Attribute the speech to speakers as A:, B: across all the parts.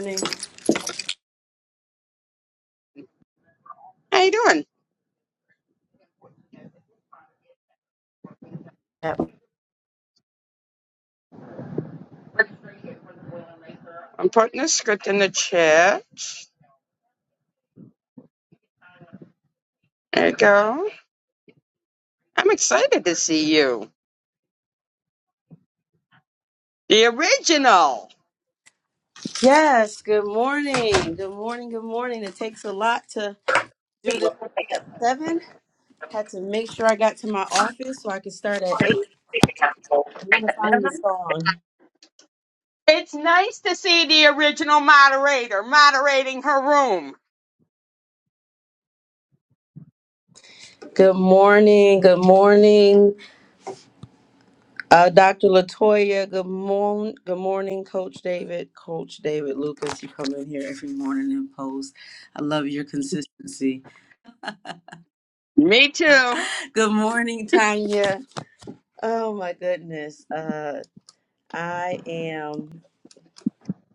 A: morning.
B: How you doing? I'm putting the script in the chat. There you go. I'm excited to see you. The original.
A: Yes, good morning. Good morning. Good morning. It takes a lot to do this at seven. Had to make sure I got to my office so I could start at eight. I want to find the song.
B: It's nice to see the original moderator moderating her room.
A: Good morning. Good morning, uh, Dr. Latoya. Good morning. Good morning, Coach David. Coach David Lucas, you come in here every morning and post. I love your consistency.
B: Me too.
A: Good morning, Tanya. Oh my goodness. Uh, I am.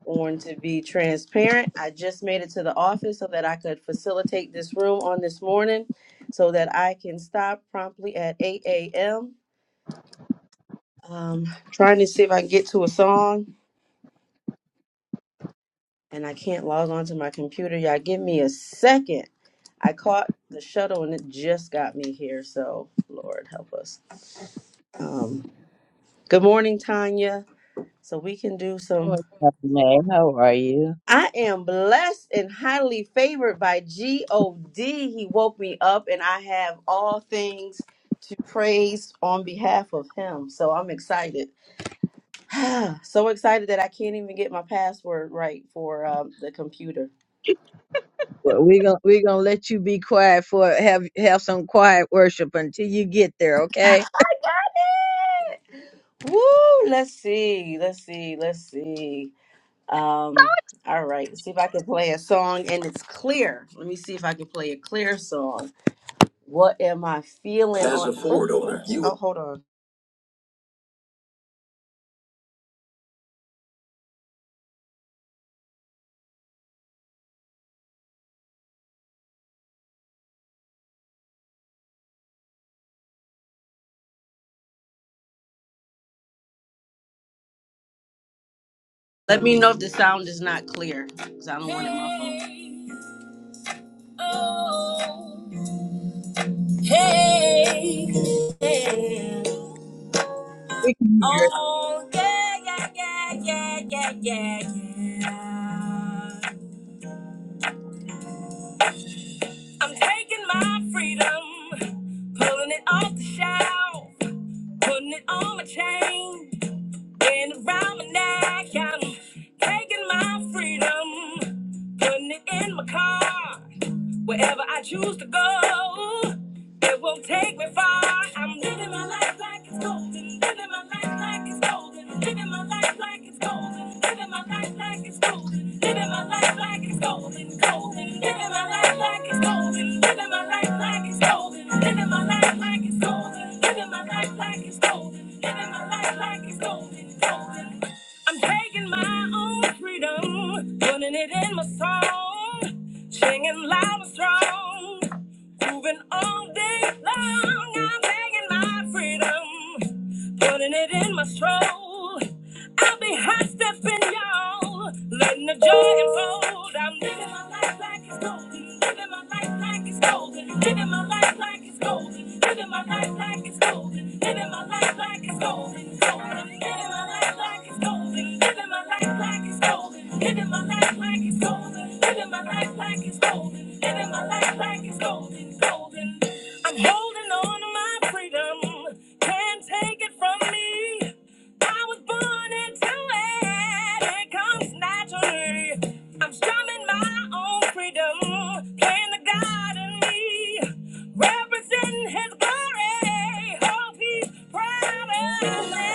A: on to be transparent. I just made it to the office so that I could facilitate this room on this morning so that I can stop promptly at 8 a.m. Um, trying to see if I can get to a song and I can't log on to my computer. Y'all give me a second. I caught the shuttle and it just got me here. So, Lord, help us. Um, good morning, Tanya. So, we can do some.
C: What's up, Renee? How are you?
A: I am blessed and highly favored by God. He woke me up, and I have all things to praise on behalf of Him. So I'm excited, so excited that I can't even get my password right for um, the computer.
C: Well, we're gonna we're gonna let you be quiet for have have some quiet worship until you get there, okay?
A: I got it. Woo! Let's see. Let's see. Let's see. Um. All right. Let's see if I can play a song, and it's clear. Let me see if I can play a clear song. What am I feeling? As on- a forward owner, you. Oh, hold on. Let me know if the sound is not clear, because I don't want it in my phone. Hey, oh, hey, hey.
C: We can hear it.
A: Oh, yeah, yeah, yeah, yeah, yeah, yeah, yeah. I'm taking my freedom, pulling it off the shelf, putting it on my chain. Been around my neck, I'm taking my freedom, putting it in my car. Wherever I choose to go, it won't take me far. I'm living my life like it's golden, living my life like it's golden, living my life like it's golden, living my life like it's golden, living my life like it's golden, golden, living my life like it's golden, living my life like it's golden, living my life like it's golden, living my life like it's golden. Living my life like it's golden, golden. I'm taking my own freedom, putting it in my song, singing loud and strong, moving all day long. I'm taking my freedom, Putting it in my stroll. I'll be high stepping y'all. Letting the joy unfold. I'm living my life like it's golden. Living my life like it's golden. Living my life like it's golden. Living my life like it's golden. Living my life like it's golden. Golden. Living my life like it's golden. Living my life like it's golden. Living my life like it's golden. Living my life like it's golden. Living my life like it's golden. Golden. I'm holding on to my freedom. Can't take it from me. I was born into it. It comes naturally. I'm strumming my own freedom, playing the God in me, representing His glory. Hope He's proud of me.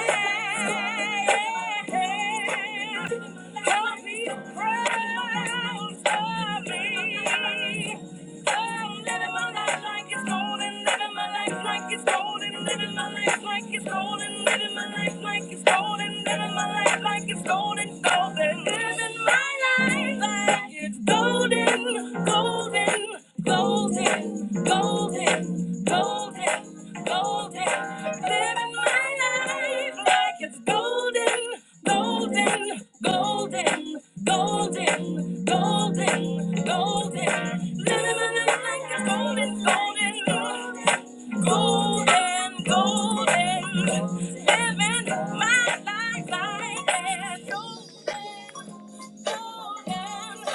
A: Hope He's proud of me. I'm living my life like it's golden, living my life like it's golden, living my life like it's golden, living my life like it's golden, living my life like it's golden, golden, living my life like it's golden, golden, golden, golden, golden, golden, living my life like it's golden, golden, golden. Golden, golden, golden. Living in a golden, golden. Golden, golden. Living my life like that. Golden, golden.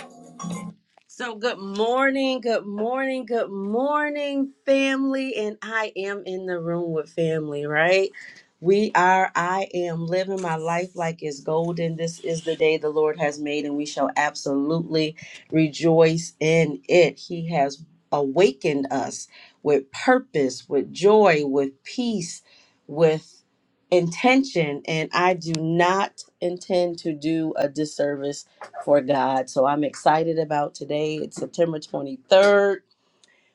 A: So, good morning, good morning, good morning, family. And I am in the room with family, right? We are, I am living my life like it's golden. This is the day the Lord has made, and we shall absolutely rejoice in it. He has awakened us with purpose, with joy, with peace, with intention. And I do not intend to do a disservice for God. So I'm excited about today. It's September 23rd.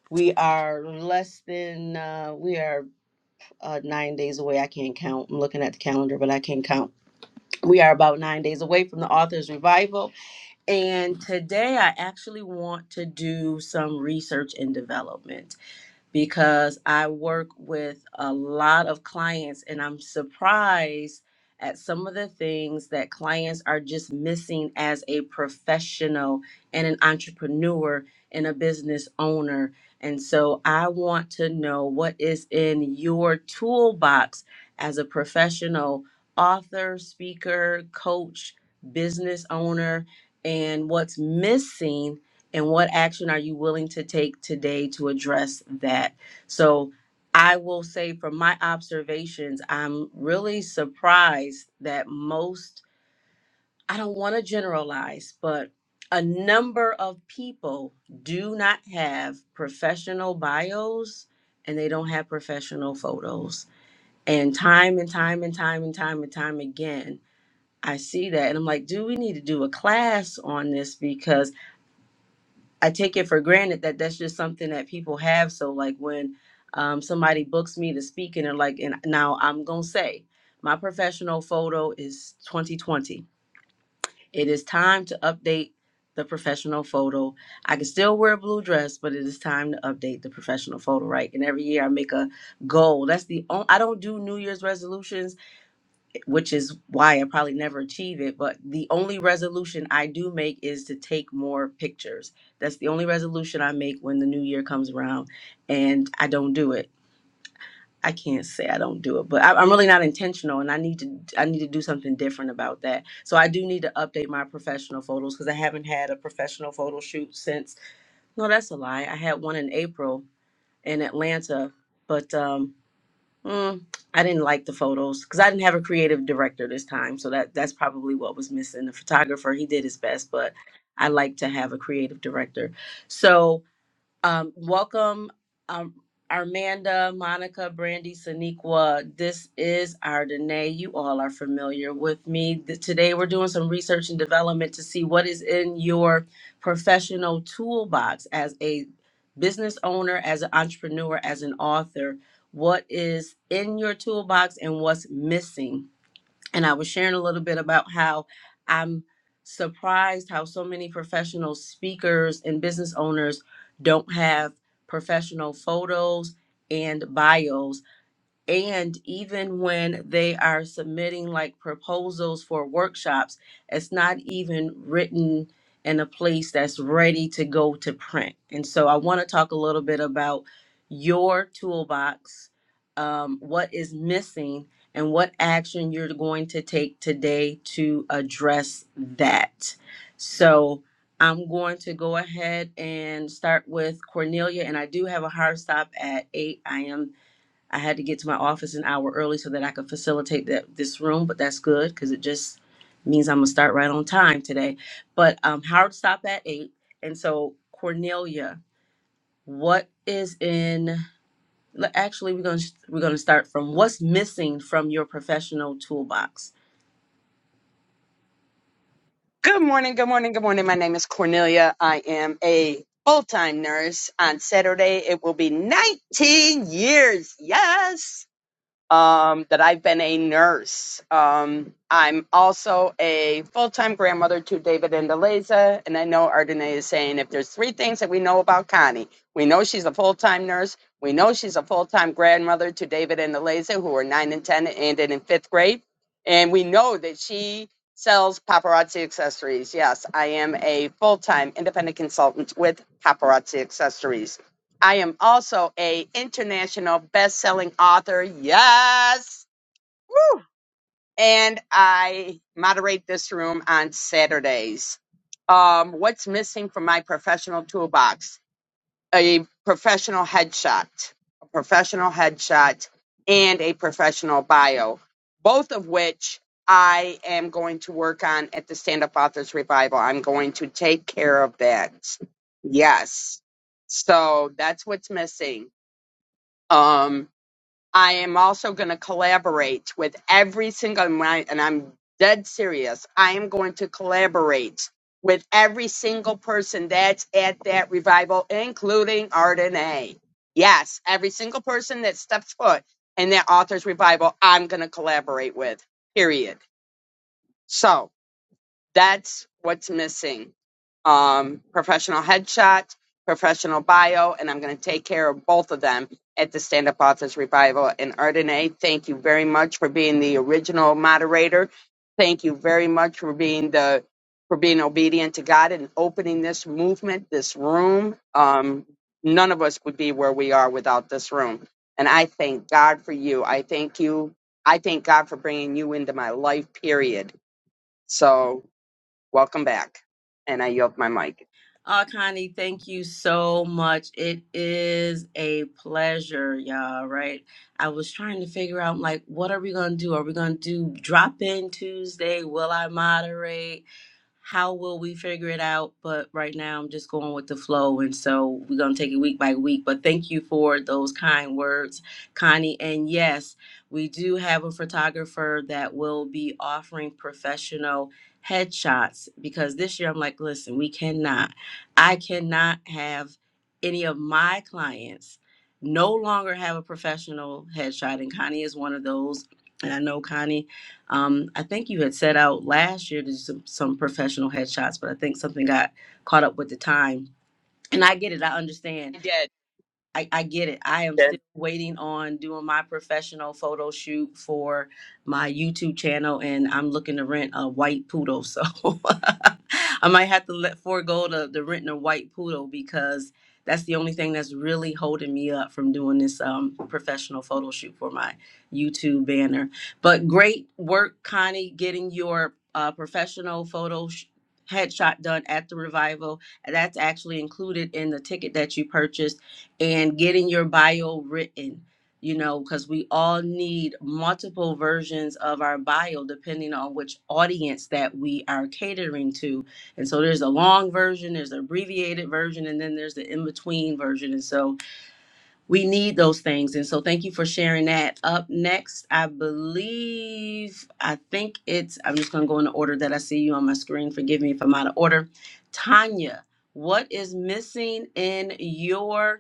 A: We are less than, uh, we are uh, nine days away. I can't count. I'm looking at the calendar, but I can't count. We are about nine days away from the author's revival. And today I actually want to do some research and development because I work with a lot of clients and I'm surprised at some of the things that clients are just missing as a professional and an entrepreneur and a business owner. And so I want to know what is in your toolbox as a professional author, speaker, coach, business owner and what's missing and what action are you willing to take today to address that so i will say from my observations i'm really surprised that most i don't want to generalize but a number of people do not have professional bios and they don't have professional photos and time and time and time and time and time again i see that and i'm like do we need to do a class on this because I take it for granted that that's just something that people have. So like when um, somebody books me to speak and they're like, and now I'm gonna say my professional photo is 2020. It is time to update the professional photo. I can still wear a blue dress, but it is time to update the professional photo, right? And every year I make a goal. That's the only, I don't do New Year's resolutions which is why I probably never achieve it. But the only resolution I do make is to take more pictures. That's the only resolution I make when the new year comes around, and I don't do it. I can't say I don't do it, but I, I'm really not intentional, and I need to I need to do something different about that. So I do need to update my professional photos because I haven't had a professional photo shoot since. No, that's a lie. I had one in April in Atlanta, but um, Mm, I didn't like the photos because I didn't have a creative director this time, so that that's probably what was missing. The photographer he did his best, but I like to have a creative director. So um, welcome, um, Armanda, Monica, Brandy, Saniqua. This is our Danae. You all are familiar with me. Th- Today, we're doing some research and development to see what is in your professional toolbox as a business owner, as an entrepreneur, as an author. What is in your toolbox and what's missing? and I was sharing a little bit about how I'm surprised how so many professional speakers and business owners don't have professional photos and bios and even when they are submitting like proposals for workshops, it's not even written in a place that's ready to go to print. And so I want to talk a little bit about your toolbox, um, what is missing, and what action you're going to take today to address that. So I'm going to go ahead and start with Cornelia, and I do have a hard stop at 8. I am I had to get to my office an hour early so that I could facilitate that this room, but that's good because it just means I'm gonna start right on time today. But um, Howard stopped at eight, and so Cornelia, what is in? le- Actually, we're gonna we're gonna start from what's missing from your professional toolbox
B: Good morning, good morning, good morning. My name is Cornelia. I am a full-time nurse. On Saturday, it will be 19 years. Yes. um, that I've been a nurse. Um, I'm also a full time grandmother to David and Eliza. And I know Ardenae is saying if there's three things that we know about Connie, we know she's a full time nurse, we know she's a full time grandmother to David and Eliza, who are nine and 10 and in fifth grade. And we know that she sells paparazzi accessories. Yes, I am a full time independent consultant with paparazzi accessories. I am also a international best-selling author. Yes. And I moderate this room on Saturdays. Um, what's missing from my professional toolbox? A professional headshot, a professional headshot, and a professional bio, both of which I am going to work on at the Stand Up Authors Revival. I'm going to take care of that. Yes. So that's what's missing. Um, I am also going to collaborate with every single, and I- and I'm dead serious, I am going to collaborate with every single person that's at that revival, including Arden A. Yes, every single person that steps foot in that author's revival, I'm going to collaborate with, period. So, that's what's missing. Um, professional headshot, professional bio, and I'm going to take care of both of them at the Stand Up Authors Revival in Ardenae. Thank you very much for being the original moderator. Thank you very much for being the for being obedient to God and opening this movement, this room. Um, none of us would be where we are without this room. And I thank God for you. I thank you. I thank God for bringing you into my life, period. So Welcome back. And I yelled my mic.
A: Oh, Connie, thank you so much. It is a pleasure, y'all, right? I was trying to figure out, like, what are we going to do? Are we going to do drop in Tuesday? Will I moderate? how will we figure it out? But right now, I'm just going with the flow. And so we're going to take it week by week. But thank you for those kind words, Connie. And yes, we do have a photographer that will be offering professional headshots because this year I'm like, listen, we cannot, I cannot have any of my clients no longer have a professional headshot. And Connie is one of those. And I know Connie um, I think you had set out last year to do some, some professional headshots, but I think something got caught up with the time. And I get it, I understand
B: I did.
A: I, I get it. I am
B: Good.
A: still waiting on doing my professional photo shoot for my YouTube channel, and I'm looking to rent a white poodle. So I might have to let forego the, the renting a white poodle because that's the only thing that's really holding me up from doing this um, professional photo shoot for my YouTube banner. But great work, Connie, getting your uh, professional photo sh- headshot done at the revival. That's actually included in the ticket that you purchased and getting your bio written you know because we all need multiple versions of our bio depending on which audience that we are catering to and so there's a long version there's an abbreviated version and then there's the in-between version and so we need those things and so thank you for sharing that up next i believe i think it's i'm just going to go in the order that i see you on my screen forgive me if i'm out of order tanya what is missing in your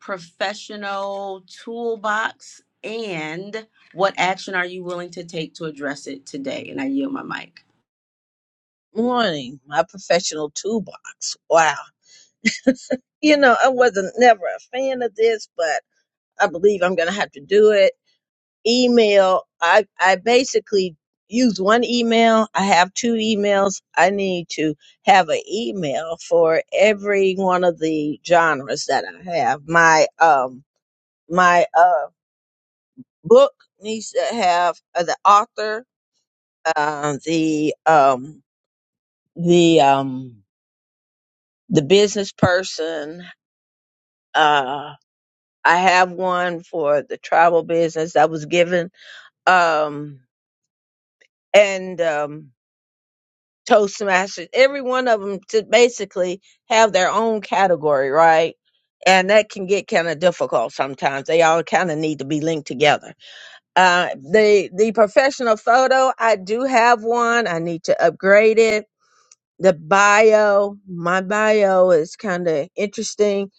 A: professional toolbox and what action are you willing to take to address it today? And I yield my mic.
C: Morning, my professional toolbox. Wow. You know, I wasn't never a fan of this, but I believe I'm gonna have to do it. Email. I I basically use one email. I have two emails. I need to have an email for every one of the genres that I have. My um my uh, book needs to have uh, the author, um, the um, the um, the business person. Uh, I have one for the travel business that was given, um, and um, Toastmasters. Every one of them to basically have their own category, right? And that can get kind of difficult sometimes. They all kind of need to be linked together Uh, the the professional photo, I do have one. I need to upgrade it. The bio, my bio is kind of interesting.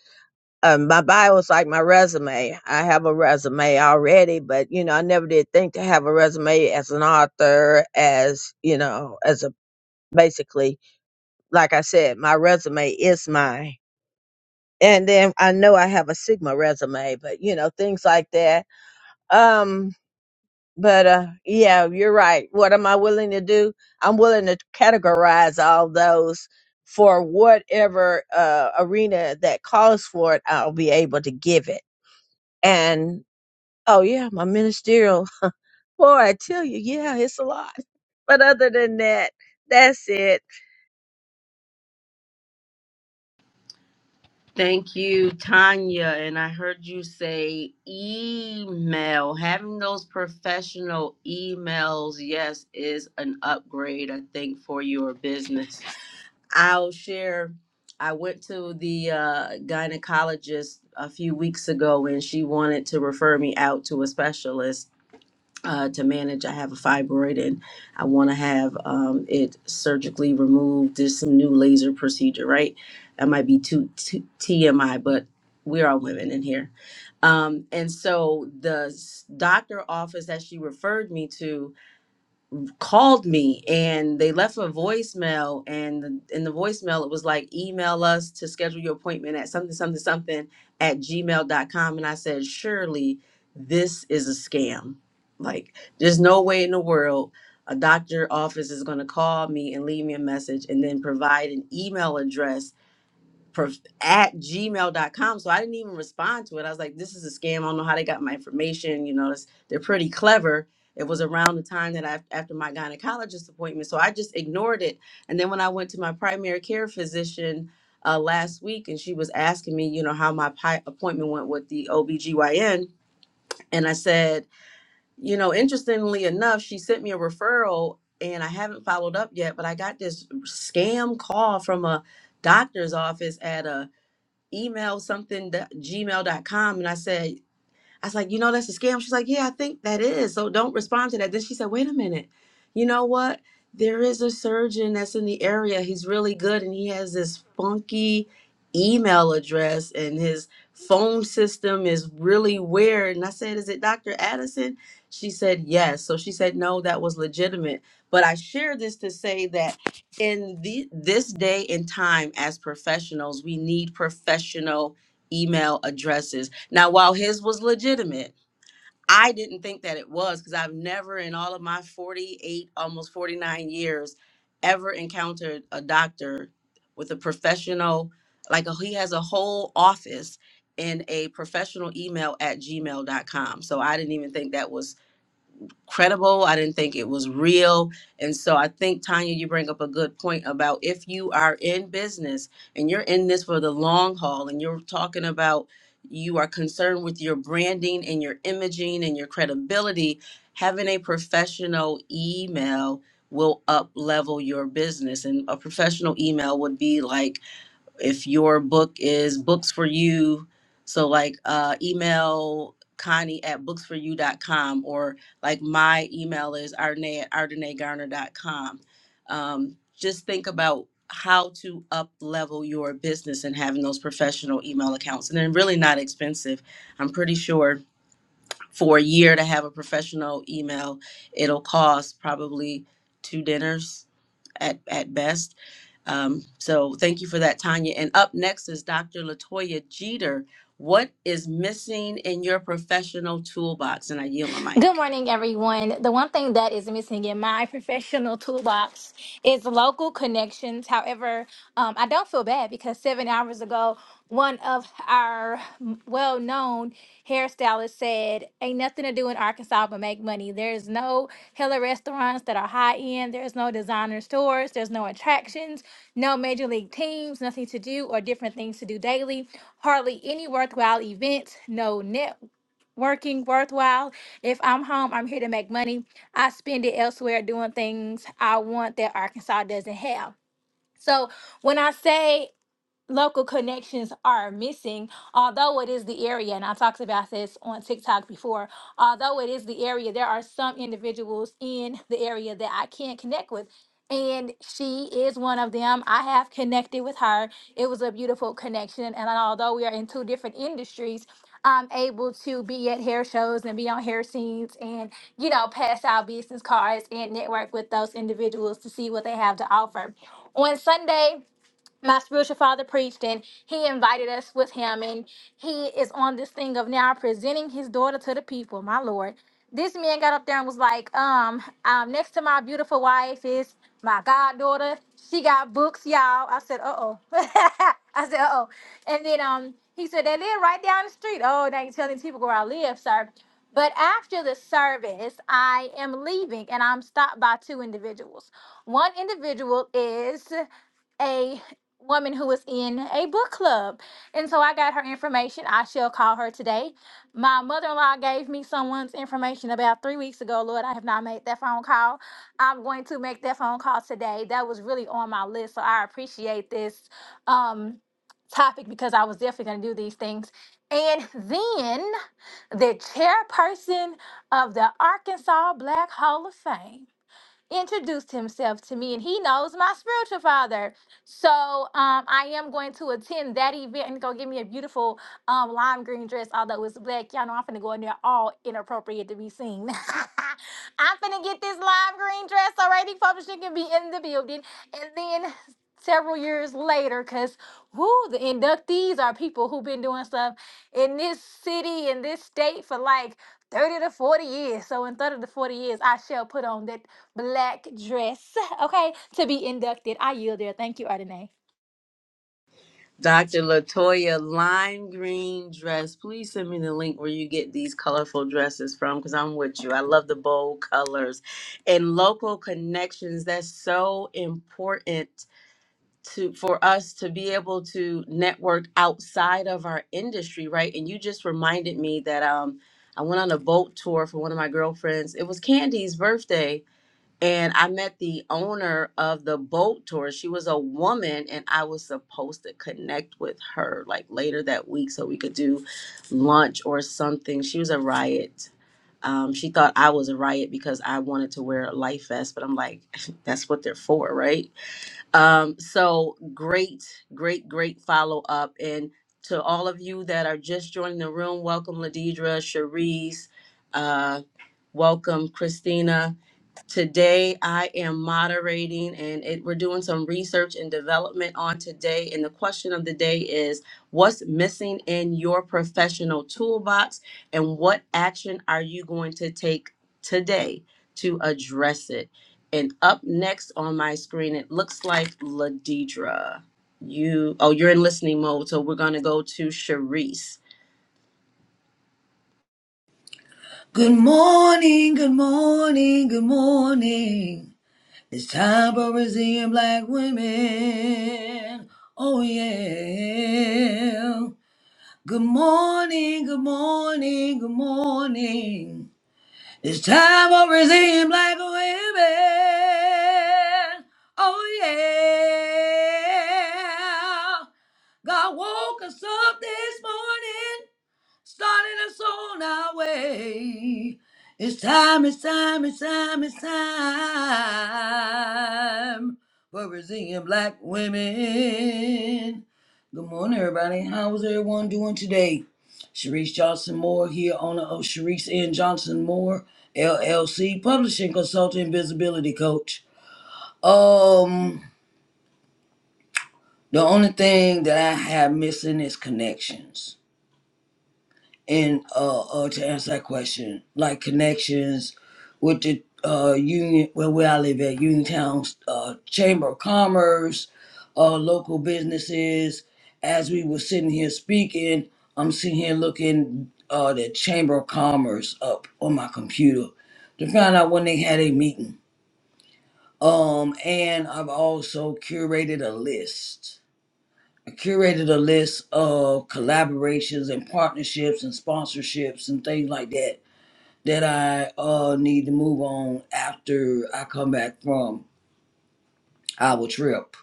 C: Um, my bio is like my resume. I have a resume already, but you know, I never did think to have a resume as an author, as you know, as a basically, like I said, my resume is my. And then I know I have a Sigma resume, but you know, things like that. Um, but uh yeah you're right what am i willing to do i'm willing to categorize all those for whatever uh arena that calls for it i'll be able to give it and oh yeah my ministerial boy i tell you yeah it's a lot but other than that that's it
A: Thank you, Tanya. And I heard you say email. Having those professional emails, yes, is an upgrade, I think, for your business. I'll share. I went to the uh, gynecologist a few weeks ago and she wanted to refer me out to a specialist uh, to manage. I have a fibroid and I want to have um, it surgically removed. There's some new laser procedure, right? That might be too, too TMI, but we're all women in here. Um, and so the s- doctor office that she referred me to called me and they left a voicemail and the, in the voicemail it was like email us to schedule your appointment at something something something at gmail dot com and i said surely this is a scam like there's no way in the world a doctor office is going to call me and leave me a message and then provide an email address prof- at gmail dot com, So I didn't even respond to it. I was like, this is a scam. I don't know how they got my information. You know, it's, they're pretty clever. It was around the time that I, after my gynecologist appointment. So I just ignored it. And then when I went to my primary care physician uh, last week and she was asking me, you know, how my pi- appointment went with the OBGYN. And I said, you know, interestingly enough, she sent me a referral and I haven't followed up yet, but I got this scam call from a doctor's office at a email something gmail dot com, and I said, I was like, you know, that's a scam. She's like, yeah, I think that is. So don't respond to that. Then she said, wait a minute. You know what? There is a surgeon that's in the area. He's really good and he has this funky email address and his phone system is really weird. And I said, is it Dr. Addison? She said, yes. So she said, no, that was legitimate. But I share this to say that in the, this day and time as professionals, we need professional email addresses now, while his was legitimate, I didn't think that it was because I've never in all of my 48, almost 49 years, ever encountered a doctor with a professional, like a, he has a whole office in a professional email at gmail.com. So I didn't even think that was credible. I didn't think it was real. And so I think, Tanya, you bring up a good point about if you are in business and you're in this for the long haul and you're talking about you are concerned with your branding and your imaging and your credibility, having a professional email will up level your business. And a professional email would be like, if your book is books for you so like uh email connie at booksforyou.com or like my email is ardenay at ardenaygarner.com um, just think about how to up level your business and having those professional email accounts and they're really not expensive i'm pretty sure for a year to have a professional email it'll cost probably two dinners at, at best. Um, so thank you for that, Tanya. And up next is Dr. Latoya Jeter. What is missing in your professional toolbox? And I yield my
D: Good
A: mic.
D: morning, everyone. The one thing that is missing in my professional toolbox is local connections. However, um, I don't feel bad because seven hours ago, one of our well known hairstylists said, Ain't nothing to do in Arkansas but make money. There's no hella restaurants that are high end, there's no designer stores, there's no attractions, no major league teams, nothing to do or different things to do daily, hardly any worthwhile events, no net working worthwhile if I'm home, I'm here to make money. I spend it elsewhere doing things I want that Arkansas doesn't have. So when I say local connections are missing, although it is the area, and I talked about this on TikTok before, although it is the area, there are some individuals in the area that I can't connect with. And she is one of them. I have connected with her. It was a beautiful connection. And although we are in two different industries, I'm able to be at hair shows and be on hair scenes and, you know, pass out business cards and network with those individuals to see what they have to offer. On Sunday, my spiritual father preached and he invited us with him and he is on this thing of now presenting his daughter to the people my lord this man got up there and was like um, um next to my beautiful wife is my goddaughter she got books y'all i said uh-oh i said uh-oh and then um he said they live right down the street oh now you are telling people where i live sir but after the service i am leaving and i'm stopped by two individuals one individual is a woman who is in a book club. And so I got her information. I shall call her today. My mother in law gave me someone's information about three weeks ago. Lord, I have not made that phone call. I'm going to make that phone call today. That was really on my list. So I appreciate this um, topic because I was definitely going to do these things. And then the chairperson of the Arkansas Black Hall of Fame introduced himself to me and he knows my spiritual father. So um, I am going to attend that event and go get me a beautiful um, lime green dress, although it's black. Y'all know I'm finna go in there all inappropriate to be seen. I'm finna get this lime green dress already publishing It can be in the building. And then several years later, because whoo, the inductees are people who've been doing stuff in this city, in this state for like 30 to 40 years. So in 30 to 40 years, I shall put on that black dress, okay, to be inducted. I yield there. Thank you, Ardenae.
A: Dr. Latoya, lime green dress. Please send me the link where you get these colorful dresses from because I'm with you. I love the bold colors and local connections. That's so important to for us to be able to network outside of our industry, right? And you just reminded me that um I went on a boat tour for one of my girlfriends. It was Candy's birthday and I met the owner of the boat tour. She was a woman and I was supposed to connect with her like later that week so we could do lunch or something. She was a riot. Um, she thought I was a riot because I wanted to wear a life vest, but I'm like, that's what they're for, right? Um, so great, great, great follow up. And to all of you that are just joining the room, welcome Ladidra, Cherise, uh, welcome Christina. Today, I am moderating, and it, we're doing some research and development on today. And the question of the day is What's missing in your professional toolbox, and what action are you going to take today to address it? And up next on my screen, it looks like Ladidra. You, oh, you're in listening mode, so we're going to go to Sharice.
E: Good morning, good morning, good morning. It's time for Brazilian black women. Oh, yeah. Good morning, good morning, good morning. It's time for Brazilian black women. Oh, yeah. God woke us up this morning starting us on our way. It's time, it's time, it's time, it's time for Brazilian black women. Good morning, everybody. How's everyone doing today? Sharice Johnson Moore here, owner of Sharice N. Johnson Moore, LLC, publishing consultant, visibility coach. Um, the only thing that I have missing is connections and uh, uh to answer that question, like connections with the uh union well where I live at Uniontown's uh Chamber of Commerce, uh local businesses. As we were sitting here speaking, I'm sitting here looking uh the Chamber of Commerce up on my computer to find out when they had a meeting. Um and I've also curated a list curated a list of collaborations and partnerships and sponsorships and things like that that I uh, need to move on after I come back from our trip.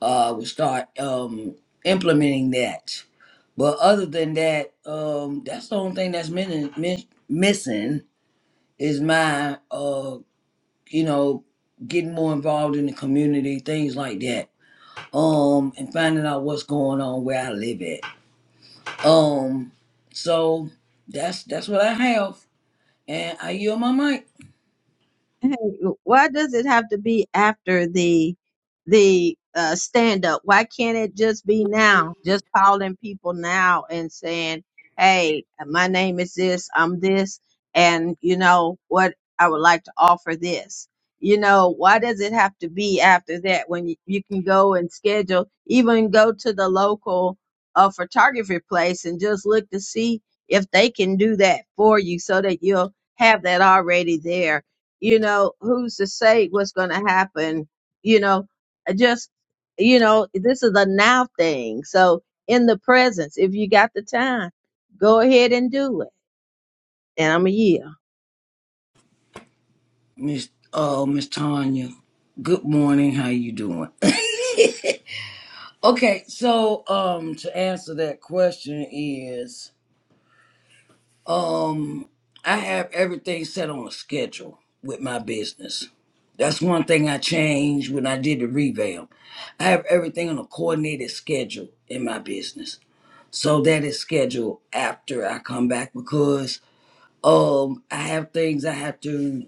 E: Uh, we'll start um, implementing that. But other than that, um, that's the only thing that's min- min- missing is my, uh, you know, getting more involved in the community, things like that, um, and finding out what's going on where I live at Um, so that's that's what I have, and I yield my mic,
C: Hey, why does it have to be after the the uh, stand up? Why can't it just be now? Just calling people now and saying, "Hey, my name is this. I'm this, and you know what? I would like to offer this." You know, why does it have to be after that when you, you can go and schedule, even go to the local uh, photography place and just look to see if they can do that for you so that you'll have that already there you know who's to say what's going to happen you know I just you know this is a now thing so in the presence if you got the time go ahead and do it and i'm a yield
E: Miss uh Miss Tanya. Good morning. How you doing? okay, so um, to answer that question is um, I have everything set on a schedule with my business. That's one thing I changed when I did the revamp. I have everything on a coordinated schedule in my business. So that is scheduled after I come back because um I have things I have to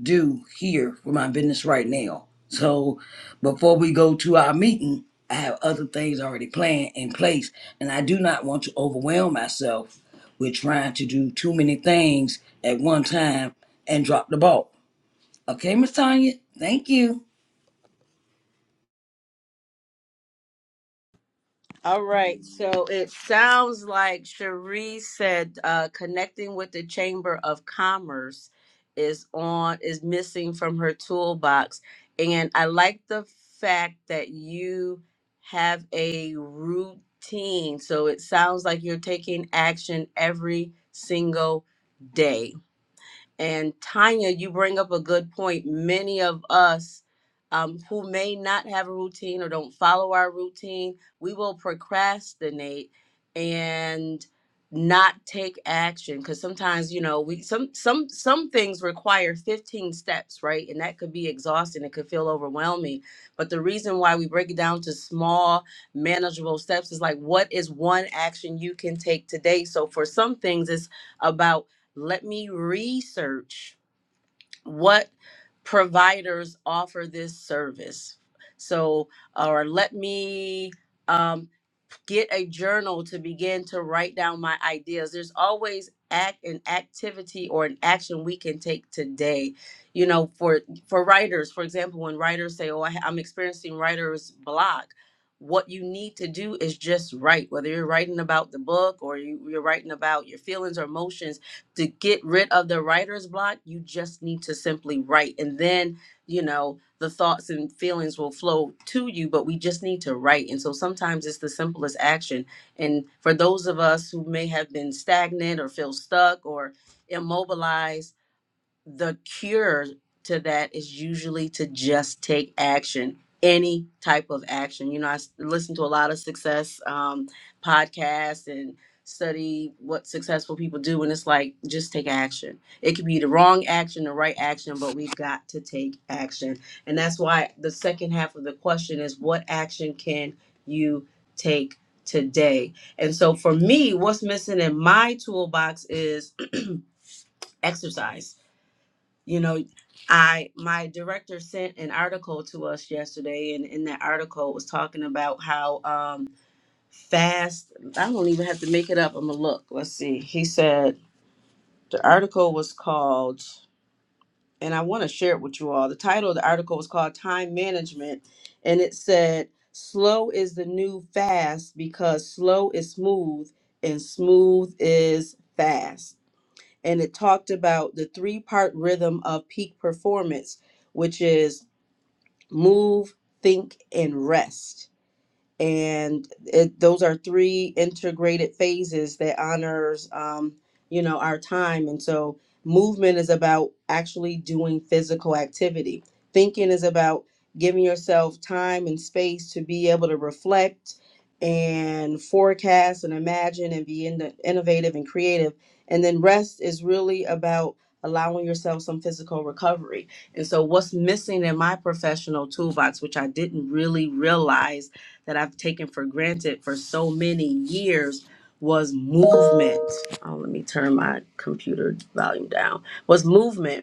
E: do here for my business right now. So before we go to our meeting, I have other things already planned in place and I do not want to overwhelm myself with trying to do too many things at one time and drop the ball. Okay, Miss Tanya? Thank you.
A: All right. So it sounds like Cherie said uh, connecting with the Chamber of Commerce is on is missing from her toolbox, and I like the fact that you have a routine. So it sounds like you're taking action every single day. And Tanya, you bring up a good point. Many of us um, who may not have a routine or don't follow our routine, we will procrastinate and not take action because sometimes you know we some some some things require 15 steps right and that could be exhausting it could feel overwhelming but the reason why we break it down to small manageable steps is like what is one action you can take today so for some things it's about let me research what providers offer this service. So, or let me um, get a journal to begin to write down my ideas. There's always act an activity or an action we can take today. You know, for for writers, for example, when writers say, "Oh, I, I'm experiencing writer's block," what you need to do is just write. Whether you're writing about the book or you, you're writing about your feelings or emotions, to get rid of the writer's block, you just need to simply write, and then you know the thoughts and feelings will flow to you, but we just need to write. And so sometimes it's the simplest action. And for those of us who may have been stagnant or feel stuck or immobilized, the cure to that is usually to just take action any type of action you know i s- listen to a lot of success um, podcasts and study what successful people do and it's like just take action it could be the wrong action the right action but we've got to take action and that's why the second half of the question is what action can you take today and so for me what's missing in my toolbox is exercise you know i my director sent an article to us yesterday and in that article it was talking about how um fast i don't even have to make it up i'm gonna look let's see he said the article was called and i want to share it with you all the title of the article was called time management and it said slow is the new fast because slow is smooth and smooth is fast and it talked about the three part rhythm of peak performance, which is move, think, and rest and it, those are three integrated phases that honors um, you know our time and so movement is about actually doing physical activity thinking is about giving yourself time and space to be able to reflect and forecast and imagine and be in innovative and creative and then rest is really about allowing yourself some physical recovery and so what's missing in my professional toolbox which i didn't really realize that I've taken for granted for so many years was movement. Oh, let me turn my computer volume down. Was movement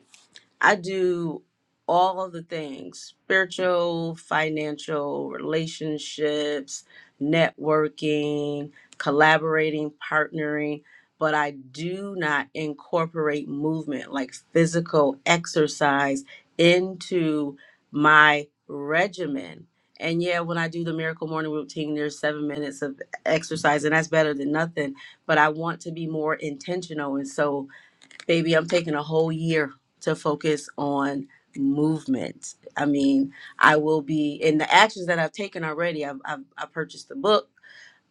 A: I do all the things spiritual, financial, relationships, networking, collaborating, partnering, but I do not incorporate movement like physical exercise into my regimen. And yeah, when I do the miracle morning routine, there's seven minutes of exercise, and that's better than nothing. But I want to be more intentional. And so, baby, I'm taking a whole year to focus on movement. I mean, I will be in the actions that I've taken already. I've, I've I purchased the book.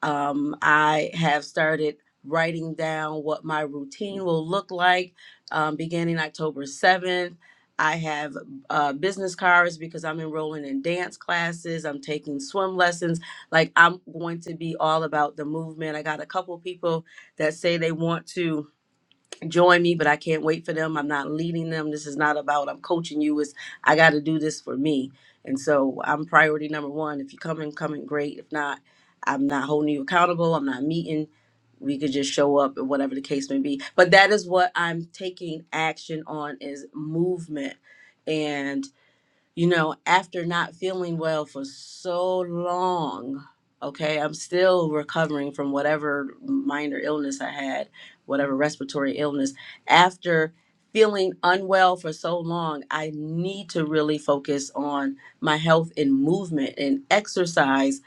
A: Um, I have started writing down what my routine will look like um, beginning October 7th. I have uh, business cards because I'm enrolling in dance classes. I'm taking swim lessons. Like, I'm going to be all about the movement. I got a couple people that say they want to join me, but I can't wait for them. I'm not leading them. This is not about I'm coaching you. Is I got to do this for me. And so I'm priority number one. If you come in, come in great. If not, I'm not holding you accountable. I'm not meeting. We could just show up, or whatever the case may be. But that is what I'm taking action on is movement. And you know, after not feeling well for so long, okay, I'm still recovering from whatever minor illness I had, whatever respiratory illness. After feeling unwell for so long, I need to really focus on my health and movement and exercise.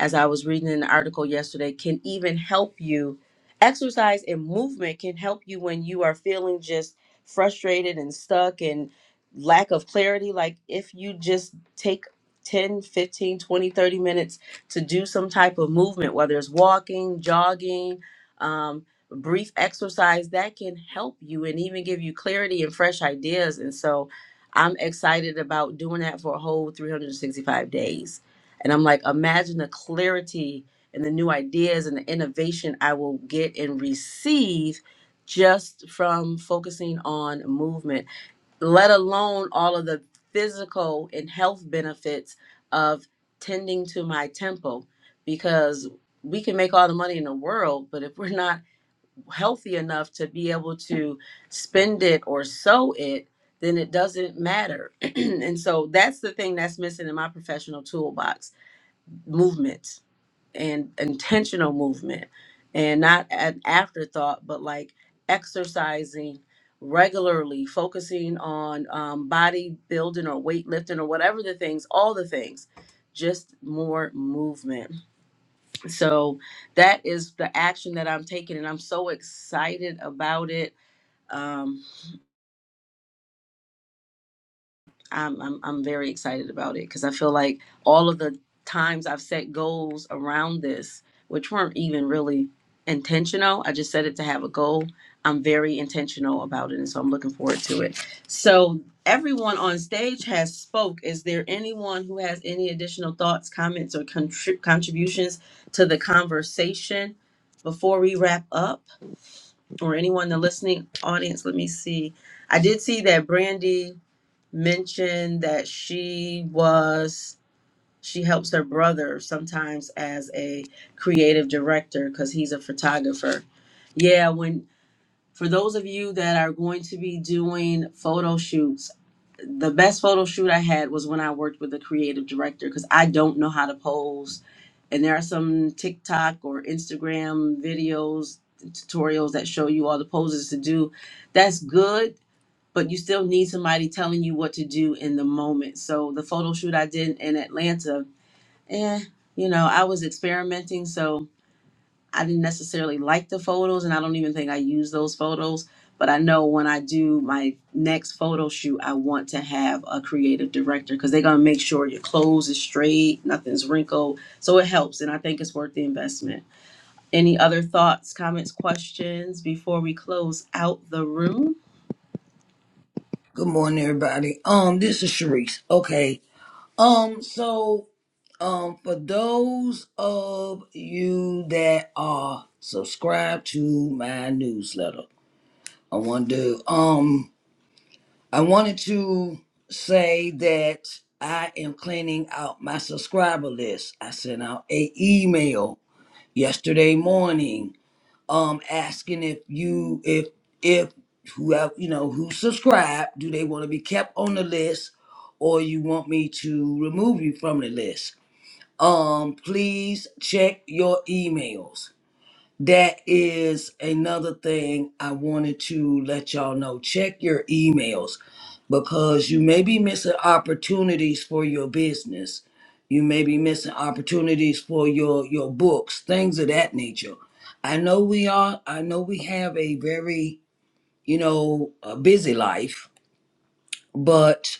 A: As I was reading an article yesterday, can even help you. Exercise and movement can help you when you are feeling just frustrated and stuck lack of clarity like if you just take 10, 15, 20, 30 minutes to do some type of movement whether it's walking jogging um, brief exercise that can help you and even give you clarity and fresh ideas and so i'm excited about doing that for a whole 365 days and i'm like imagine the clarity and the new ideas and the innovation i will get and receive just from focusing on movement let alone all of the physical and health benefits of tending to my temple because we can make all the money in the world but if we're not healthy enough to be able to spend it or sow it then it doesn't matter and so that's the thing that's missing in my professional toolbox movement and intentional movement and not an afterthought but like exercising regularly focusing on um, body building or weightlifting or whatever the things all the things just more movement so that is the action that i'm taking and i'm so excited about it Um, I'm I'm I'm very excited about it because I feel like all of the times I've set goals around this, which weren't even really intentional, I just set it to have a goal. I'm very intentional about it, and so I'm looking forward to it. So everyone on stage has spoke. Is there anyone who has any additional thoughts, comments, or contrib- contributions to the conversation before we wrap up? Or anyone in the listening audience? Let me see. I did see that Brandy mentioned that she was she helps her brother sometimes as a creative director because he's a photographer. Yeah, when for those of you that are going to be doing photo shoots, the best photo shoot I had was when I worked with a creative director because I don't know how to pose. And there are some TikTok or Instagram videos, tutorials that show you all the poses to do. That's good but you still need somebody telling you what to do in the moment. So the photo shoot I did in Atlanta, eh, you know, I was experimenting, so I didn't necessarily like the photos, and I don't even think I use those photos. But I know when I do my next photo shoot, I want to have a creative director because they're gonna make sure your clothes is straight, nothing's wrinkled. So it helps, and I think it's worth the investment. Any other thoughts, comments, questions before we close out the room?
E: Good morning everybody. Um this is Sharice. Okay. Um so Um, for those of you that are subscribed to my newsletter, I want to um, I wanted to say that I am cleaning out my subscriber list. I sent out a email yesterday morning, um, asking if you if if who have you know who subscribed, do they want to be kept on the list, or you want me to remove you from the list? um please check your emails that is another thing i wanted to let y'all know check your emails because you may be missing opportunities for your business you may be missing opportunities for your your books things of that nature i know we are i know we have a very you know a busy life but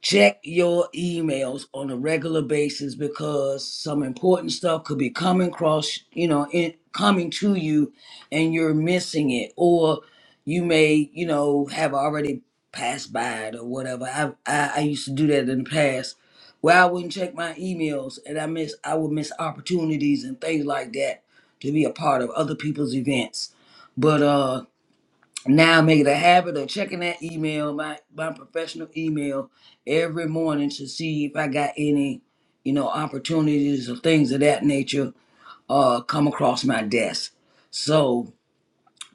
E: check your emails on a regular basis because some important stuff could be coming across, you know, in, coming to you and you're missing it or you may, you know, have already passed by it or whatever. I I, I used to do that in the past where I wouldn't check my emails and I miss I would miss opportunities and things like that to be a part of other people's events. But uh now make it a habit of checking that email, my my professional email, every morning to see if I got any, you know, opportunities or things of that nature uh come across my desk. So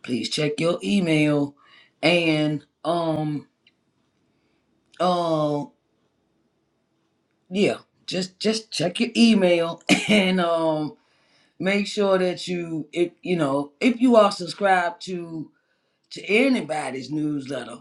E: please check your email and um uh yeah, just just check your email and um make sure that you if you know if you are subscribed to to anybody's newsletter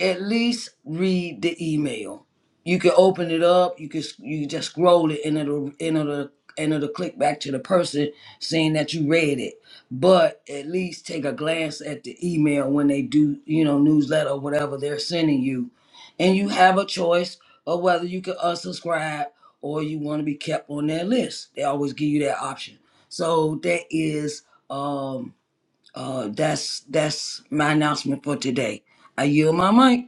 E: at least read the email. You can open it up. You can you can just scroll it, and it'll and it'll and it'll click back to the person saying that you read it. But at least take a glance at the email when they do, you know, newsletter or whatever they're sending you, and you have a choice of whether you can unsubscribe or you want to be kept on their list. They always give you that option. So that is um uh that's that's my announcement for today. I yield my mic.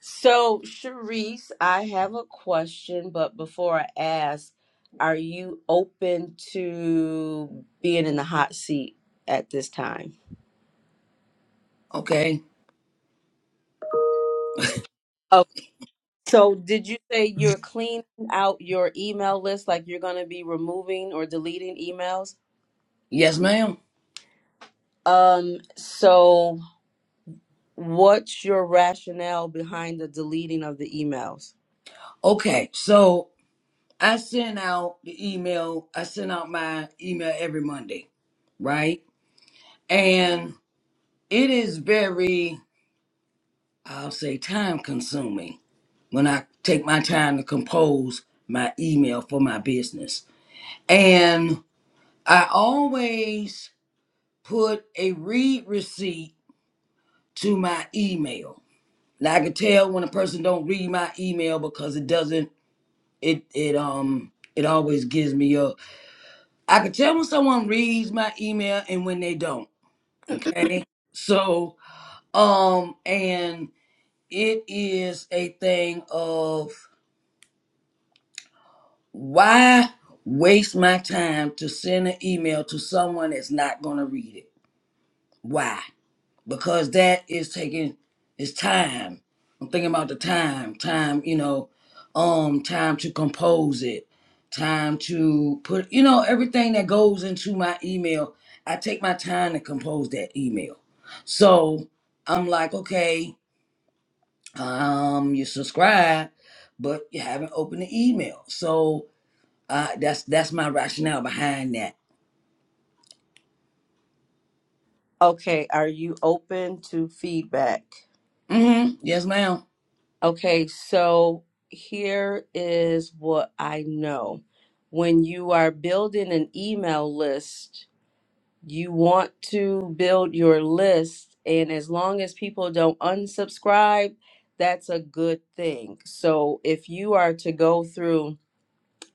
A: So, Sharice, I have a question, but before I ask, are you open to being in the hot seat at this time?
E: Okay.
A: Oh, so did you say you're cleaning out your email list, like you're going to be removing or deleting emails?
E: Yes, ma'am.
A: Um, so what's your rationale behind the deleting of the emails?
E: Okay. So I send out the email. I send out my email every Monday, right? And it is very, I'll say, time consuming when I take my time to compose my email for my business. And I always put a read receipt to my email. Now I can tell when a person don't read my email because it doesn't it it um it always gives me a. I can tell when someone reads my email and when they don't. Okay. So, um, and it is a thing of why waste my time to send an email to someone that's not going to read it? Why? because that is taking its time. I'm thinking about the time, time, you know, um, time to compose it, time to put, you know, everything that goes into my email. I take my time to compose that email. So I'm like, okay, um, you subscribe, but you haven't opened the email. So uh, that's that's my rationale behind that.
A: Okay, are you open to feedback?
E: Mm-hmm. Yes, ma'am.
A: Okay, so here is what I know. When you are building an email list, you want to build your list, and as long as people don't unsubscribe, that's a good thing. So if you are to go through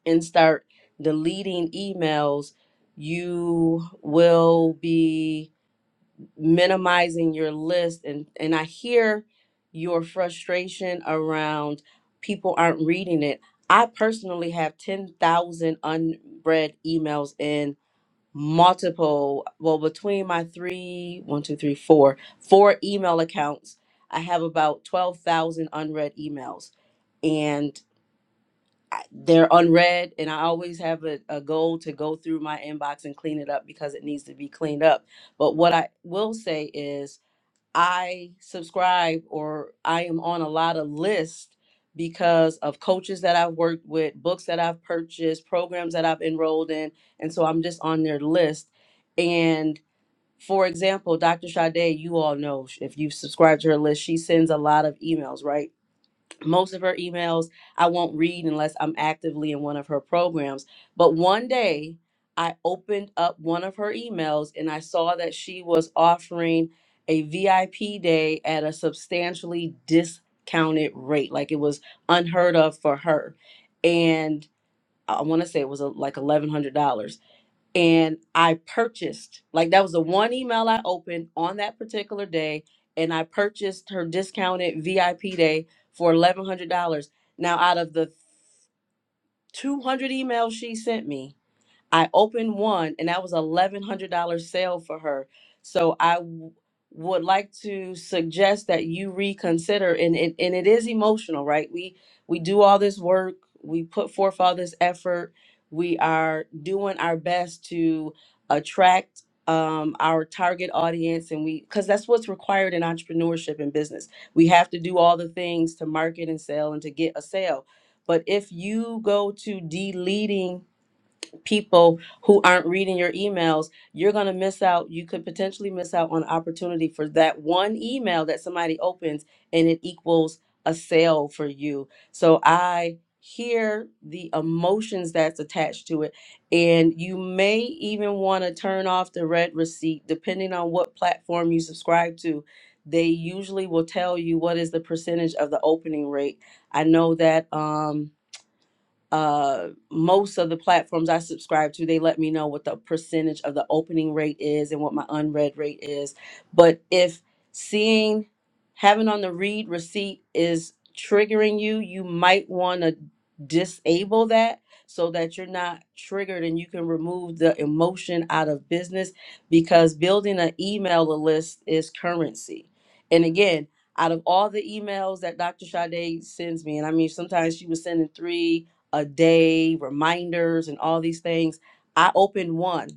A: and start deleting emails, you will be minimizing your list and and I hear your frustration around people aren't reading it. I personally have 10,000 unread emails in multiple well between my three one two three four four email accounts i have about 12,000 unread emails and I- they're unread and i always have a, a goal to go through my inbox and clean it up because it needs to be cleaned up but what i will say is I subscribe or I am on a lot of lists because of coaches that I've worked with, books that I've purchased, programs that I've enrolled in. And so I'm just on their list. And for example, Dr. Sade, you all know if you have subscribed to her list, she sends a lot of emails, right? most of her emails I won't read unless I'm actively in one of her programs. But one day I opened up one of her emails and I saw that she was offering a VIP day at a substantially discounted rate. Like it was unheard of for her. And I want to say it was uh, like $1,100 and I purchased like that was the one email I opened on that particular day, and I purchased her discounted VIP day for eleven hundred dollars. Now, out of the two hundred emails she sent me, I opened one, and that was eleven hundred dollar sale for her. So I w- would like to suggest that you reconsider, and it and it is emotional, right? We we do all this work, we put forth all this effort, we are doing our best to attract um, our target audience, and we because that's what's required in entrepreneurship and business. We have to do all the things to market and sell and to get a sale. But if you go to deleting people who aren't reading your emails, you're going to miss out. You could potentially miss out on opportunity for that one email that somebody opens and it equals a sale for you. So I hear the emotions that's attached to it. And you may even want to turn off the red receipt, depending on what platform you subscribe to. They usually will tell you what is the percentage of the opening rate. I know that. Um, uh most of the platforms I subscribe to, they let me know what the percentage of the opening rate is and what my unread rate is. But if seeing having on the read receipt is triggering you, you might want to disable that so that you're not triggered and you can remove the emotion out of business because building an email list is currency. And again, out of all the emails that Dr. Sade sends me, and I mean, sometimes she was sending three, a day, reminders, and all these things. I opened one,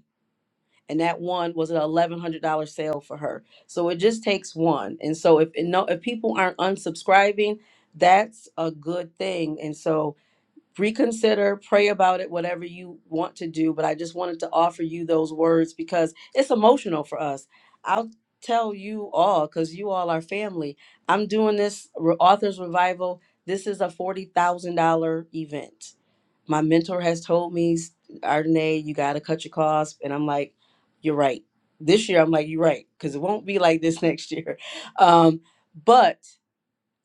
A: and that one was an eleven hundred dollar sale for her. So it just takes one. And so if and no, if people aren't unsubscribing, that's a good thing. And so reconsider, pray about it, whatever you want to do. But I just wanted to offer you those words because it's emotional for us. I'll tell you all because you all are family. I'm doing this re- authors revival. This is a forty thousand dollar event my mentor has told me, Ardenae, you got to cut your costs. And I'm like, you're right. This year, I'm like, you're right, because it won't be like this next year. Um, but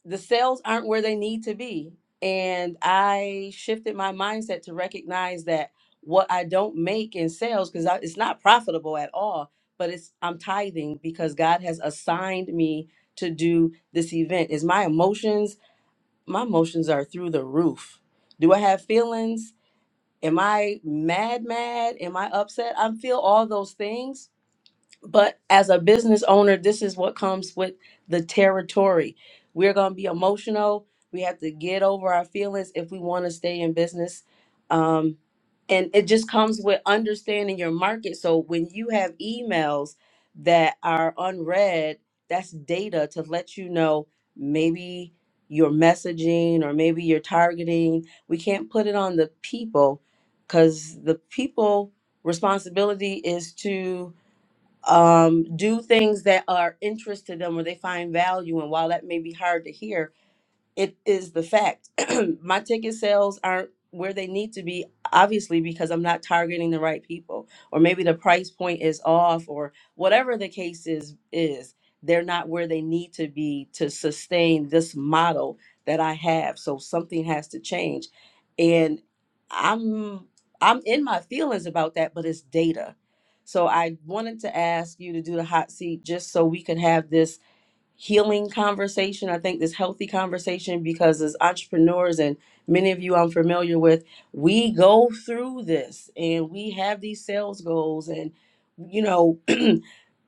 A: the sales aren't where they need to be. And I shifted my mindset to recognize that what I don't make in sales, because it's not profitable at all, but it's I'm tithing because God has assigned me to do this event. Is my emotions, my emotions are through the roof. Do I have feelings? Am I mad, mad? Am I upset? I feel all those things but as a business owner, this is what comes with the territory. We're going to be emotional. We have to get over our feelings if we want to stay in business. Um, and it just comes with understanding your market. So when you have emails that are unread, that's data to let you know maybe your messaging or maybe your targeting. We can't put it on the people because the people responsibility is to um, do things that are interest to them or they find value in. While that may be hard to hear, it is the fact my ticket sales aren't where they need to be obviously because i'm not targeting the right people or maybe the price point is off or whatever the case is is they're not where they need to be to sustain this model that i have so something has to change and i'm i'm in my feelings about that but it's data so i wanted to ask you to do the hot seat just so we can have this healing conversation. I think this healthy conversation because as entrepreneurs and many of you I'm familiar with, we go through this and we have these sales goals and you know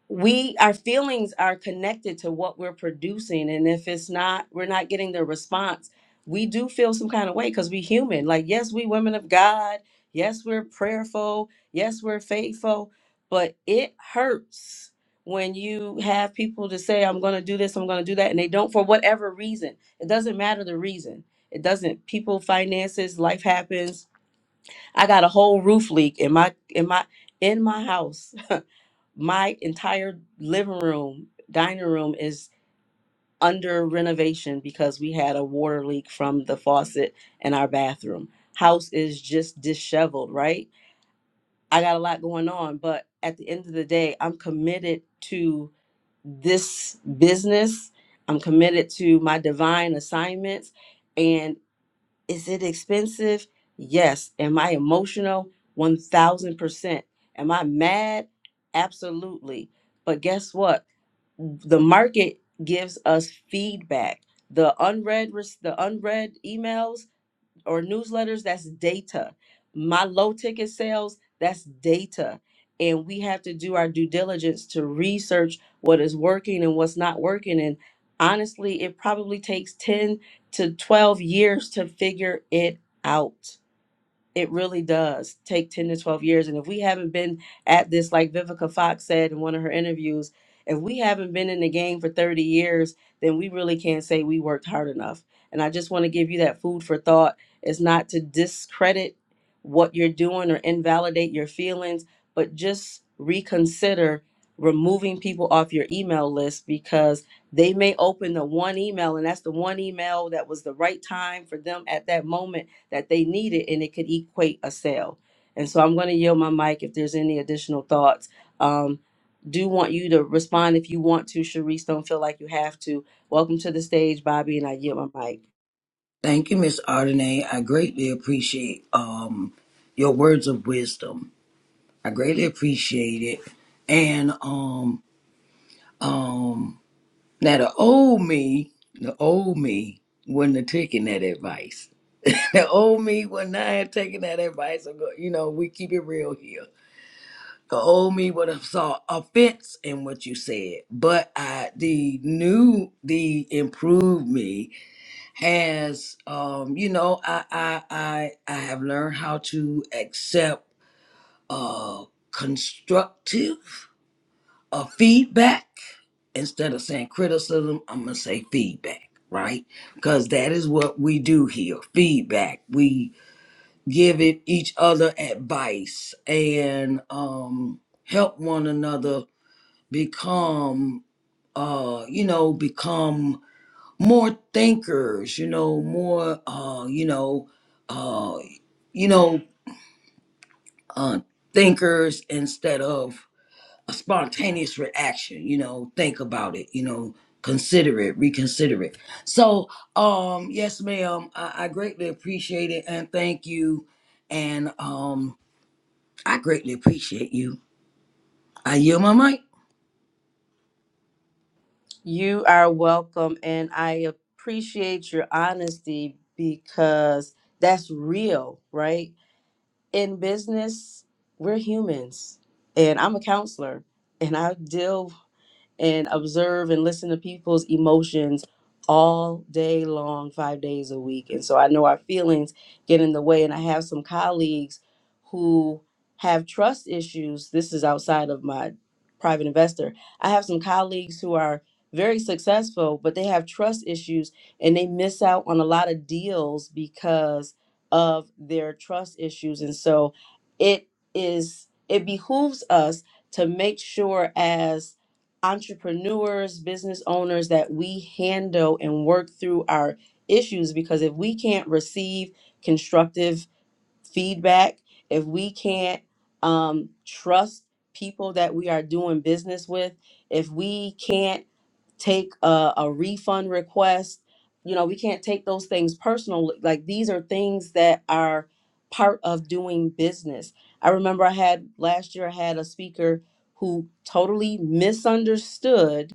A: we our feelings are connected to what we're producing and if it's not we're not getting the response we do feel some kind of way because we human like yes we women of god yes we're prayerful yes we're faithful but it hurts when you have people to say i'm going to do this i'm going to do that and they don't for whatever reason it doesn't matter the reason it doesn't people finances life happens i got a whole roof leak in my in my in my house my entire living room, dining room is under renovation because we had a water leak from the faucet in our bathroom. House is just disheveled, right? I got a lot going on, but at the end of the day, I'm committed to this business. I'm committed to my divine assignments. And is it expensive? Yes. Am I emotional? 1000%. Am I mad? Absolutely. But guess what? the market gives us feedback the unread res- the unread emails or newsletters that's data my low ticket sales that's data and we have to do our due diligence to research what is working and what's not working and honestly it probably takes 10 to 12 years to figure it out it really does take 10 to 12 years. And if we haven't been at this, like Vivica Fox said in one of her interviews, if we haven't been in the game for 30 years, then we really can't say we worked hard enough. And I just want to give you that food for thought. It's not to discredit what you're doing or invalidate your feelings, but just reconsider removing people off your email list because they may open the one email and that's the one email that was the right time for them at that moment that they needed and it could equate a sale. And so I'm going to yield my mic if there's any additional thoughts. Um, do want you to respond if you want to, Sharice. Don't feel like you have to. Welcome to the stage, Bobby, and I yield my mic.
E: Thank you, Miss Ardenay. I greatly appreciate um your words of wisdom. I greatly appreciate it. And um um now the old me, the old me wouldn't have taken that advice. the old me would not have taken that advice. I'm go- You know, we keep it real here. The old me would have saw offense in what you said, but I the new, the improved me has um you know i i i, I have learned how to accept uh constructive uh feedback instead of saying criticism i'm gonna say feedback right because that is what we do here feedback we give it each other advice and um help one another become uh you know become more thinkers, you know, more uh, you know, uh, you know, uh, thinkers instead of a spontaneous reaction, you know, think about it, you know, consider it, reconsider it. So, um, yes, ma'am, I, I greatly appreciate it and thank you. And um I greatly appreciate you. I yield my mic.
A: You are welcome, and I appreciate your honesty because that's real, right? In business, we're humans, and I'm a counselor, and I deal and observe and listen to people's emotions all day long, five days a week. And so I know our feelings get in the way. And I have some colleagues who have trust issues. This is outside of my private investor. I have some colleagues who are very successful, but they have trust issues and they miss out on a lot of deals because of their trust issues. And so it is, it behooves us to make sure as entrepreneurs, business owners that we handle and work through our issues because if we can't receive constructive feedback, if we can't um, trust people that we are doing business with, if we can't take a, a refund request. You know, we can't take those things personal. Like these are things that are part of doing business. I remember I had last year I had a speaker who totally misunderstood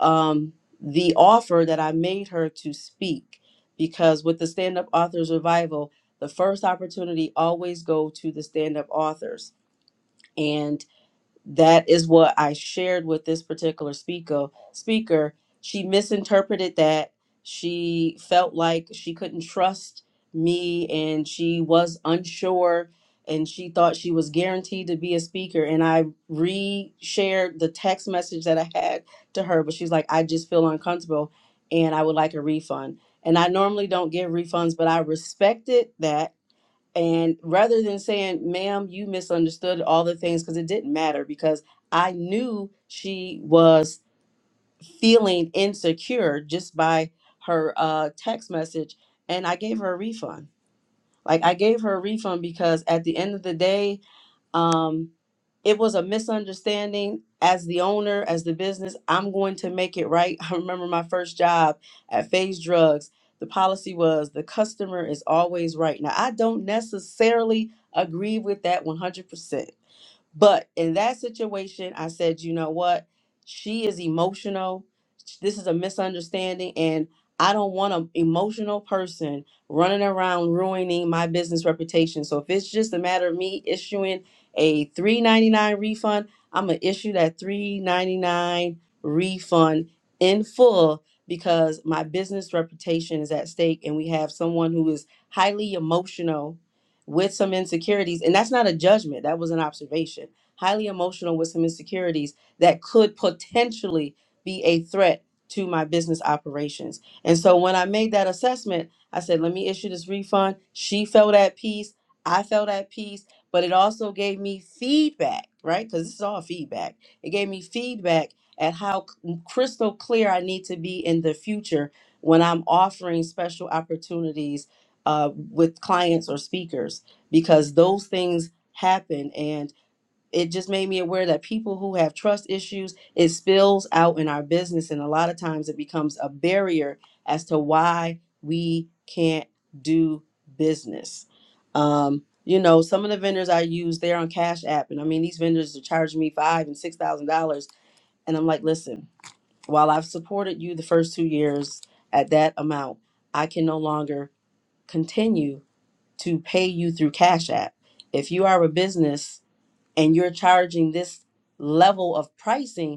A: um, the offer that I made her to speak because with the stand up authors revival, the first opportunity always go to the stand up authors. And that is what I shared with this particular speaker. Speaker, she misinterpreted that. She felt like she couldn't trust me and she was unsure and she thought she was guaranteed to be a speaker and I re-shared the text message that I had to her but she's like I just feel uncomfortable and I would like a refund. And I normally don't give refunds but I respected that and rather than saying, ma'am, you misunderstood all the things, because it didn't matter, because I knew she was feeling insecure just by her uh, text message. And I gave her a refund. Like, I gave her a refund because at the end of the day, um, it was a misunderstanding as the owner as the business i'm going to make it right i remember my first job at phase drugs the policy was the customer is always right now i don't necessarily agree with that 100% but in that situation i said you know what she is emotional this is a misunderstanding and i don't want an emotional person running around ruining my business reputation so if it's just a matter of me issuing a three ninety nine refund, I'm gonna issue that three ninety nine refund in full because my business reputation is at stake and we have someone who is highly emotional with some insecurities and that's not a judgment that was an observation highly emotional with some insecurities that could potentially be a threat to my business operations and so when i made that assessment i said let me issue this refund she felt at peace i felt at peace but it also gave me feedback, right? Because this is all feedback. It gave me feedback at how c- mm, crystal clear I need to be in the future when I'm offering special opportunities uh, with clients or speakers, because those things happen. and it just made me aware that people who have trust issues it spills out in our business and a lot of times it becomes a barrier as to why we can't do business um you know some of the vendors i use they're on cash app and i mean these vendors are charging me five and six thousand dollars and i'm like listen while i've supported you the first two years at that amount i can no longer continue to pay you through cash app if you are a business and you're charging this level of pricing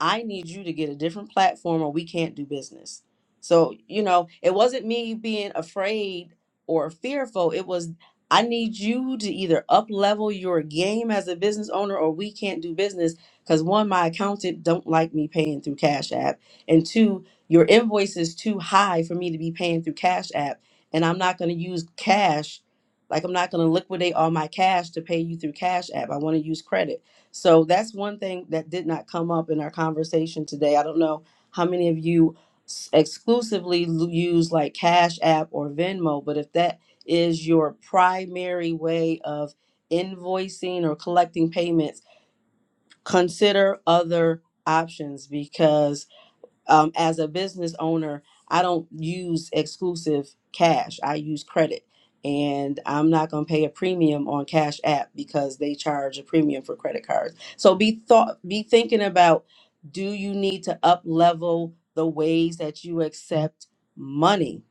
A: I need you to get a different platform or we can't do business. So, you know, it wasn't me being afraid or fearful. It was, I need you to either up level your game as a business owner or we can't do business because one, my accountant don't like me paying through Cash App. And two, your invoice is too high for me to be paying through Cash App. And I'm not going to use cash. Like I'm not going to liquidate all my cash to pay you through Cash App. I want to use credit. So that's one thing that did not come up in our conversation today. I don't know how many of you s- exclusively l- use like Cash App or Venmo, but if that is your primary way of invoicing or collecting payments, consider other options because um, as a business owner, I don't use exclusive cash. I use credit, and I'm not going to pay a premium on Cash App because they charge a premium for credit cards. So be thought, be thinking about: Do you need to up level the ways that you accept money?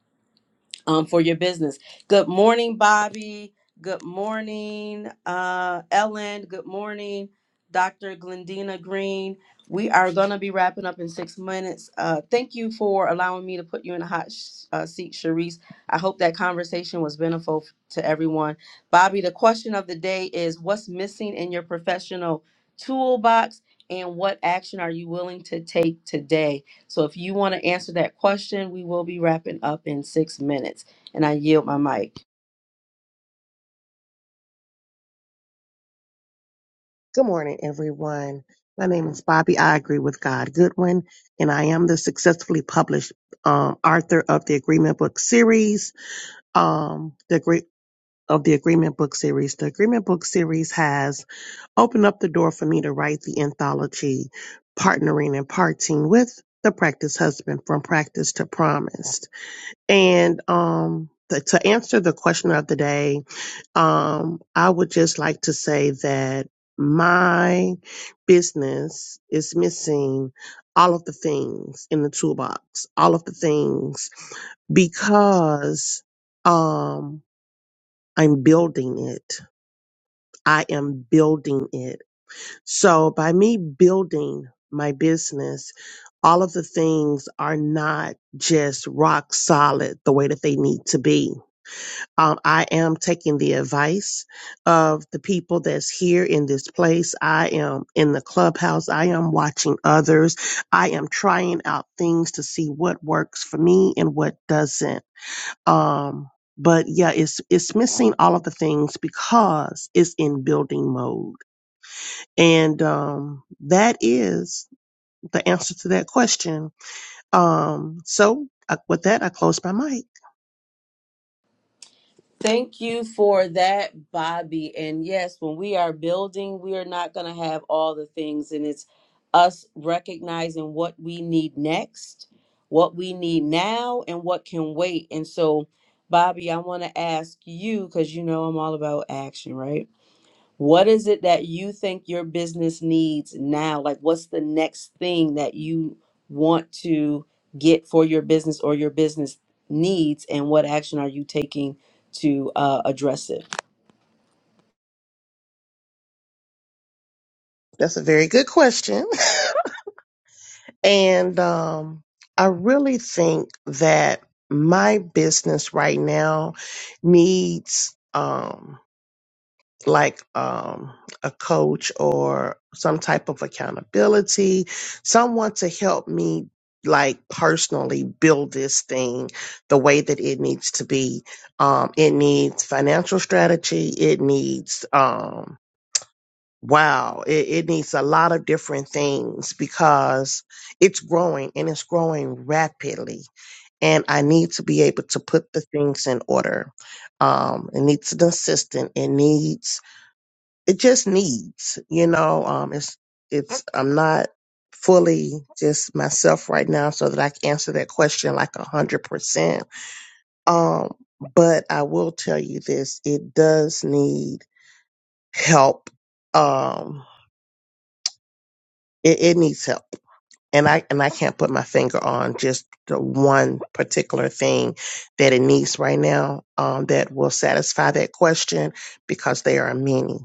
A: um, for your business. Good morning, Bobby. Good morning, uh, Ellen. Good morning, Dr. Glendina Green. We are going to be wrapping up in six minutes. Uh, thank you for allowing me to put you in a hot sh- uh, seat, Sharice. I hope that conversation was beneficial to everyone. Bobby, the question of the day is what's missing in your professional toolbox and what action are you willing to take today? So if you want to answer that question, we will be wrapping up in six minutes. And I yield my mic.
F: Good morning, everyone. My name is Bobby. I agree with God Goodwin, and I am the successfully published um, author of the Agreement Book Series. Um, the agree- of the Agreement Book Series. The Agreement Book Series has opened up the door for me to write the anthology, partnering and parting with the practice husband from practice to promised. And um, the, to answer the question of the day, um, I would just like to say that my business is missing all of the things in the toolbox, all of the things because, um, I'm building it. I am building it. So by me building my business, all of the things are not just rock solid the way that they need to be um, I am taking the advice of the people that's here in this place. I am in the clubhouse. I am watching others. I am trying out things to see what works for me and what doesn't. Um, but yeah, it's it's missing all of the things because it's in building mode, and um, that is the answer to that question. Um, so uh, with that, I close my mic.
A: Thank you for that, Bobby. And yes, when we are building, we are not going to have all the things. And it's us recognizing what we need next, what we need now, and what can wait. And so, Bobby, I want to ask you because you know I'm all about action, right? What is it that you think your business needs now? Like, what's the next thing that you want to get for your business or your business needs, and what action are you taking to uh, address it?
F: That's a very good question. And um, I really think that my business right now needs um, like um, a coach or some type of accountability, someone to help me like personally build this thing the way that it needs to be um it needs financial strategy it needs um, Wow, it, it needs a lot of different things because it's growing and it's growing rapidly. And I need to be able to put the things in order. Um, it needs an assistant. It needs, it just needs, you know, um, it's, it's, I'm not fully just myself right now so that I can answer that question like a hundred percent. Um, but I will tell you this, it does need help. Um, it, it needs help and I and I can't put my finger on just the one particular thing that it needs right now um, that will satisfy that question because there are many.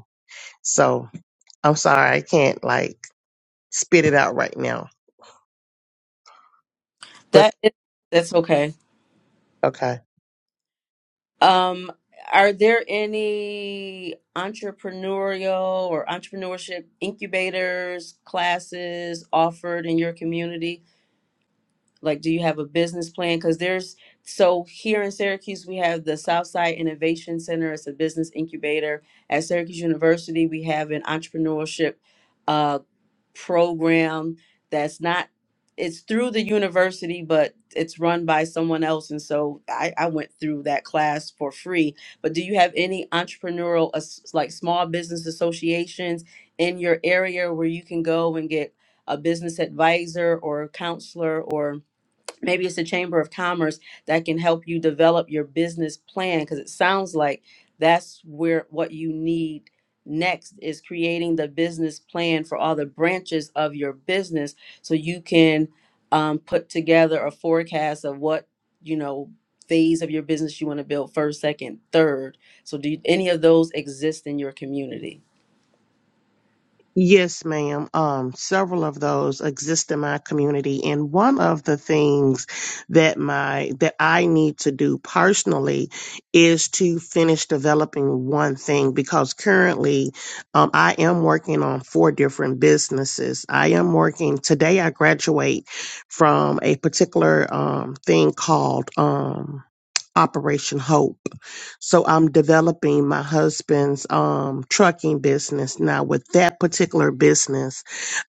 F: So I'm sorry I can't like spit it out right now. But
A: That is, that's okay.
F: okay.
A: Um, are there any entrepreneurial or entrepreneurship incubators classes offered in your community? Like, do you have a business plan? Because there's so here in Syracuse, we have the Southside Innovation Center. It's a business incubator. At Syracuse University, we have an entrepreneurship uh, program that's not it's through the university, but it's run by someone else. And so I, I went through that class for free. But do you have any entrepreneurial, as- like small business associations in your area where you can go and get a business advisor or a counselor or maybe it's a chamber of commerce that can help you develop your business plan because it sounds like that's where what you need next is creating the business plan for all the branches of your business so you can um, put together a forecast of what you know phase of your business you want to build first second third so do any of those exist in your community
F: Yes, ma'am. Um, several of those exist in my community, and one of the things that my that I need to do personally is to finish developing one thing because currently, um, I am working on four different businesses. I am working today. I graduate from a particular um thing called um Operation Hope. So I'm developing my husband's um trucking business now. With that particular business,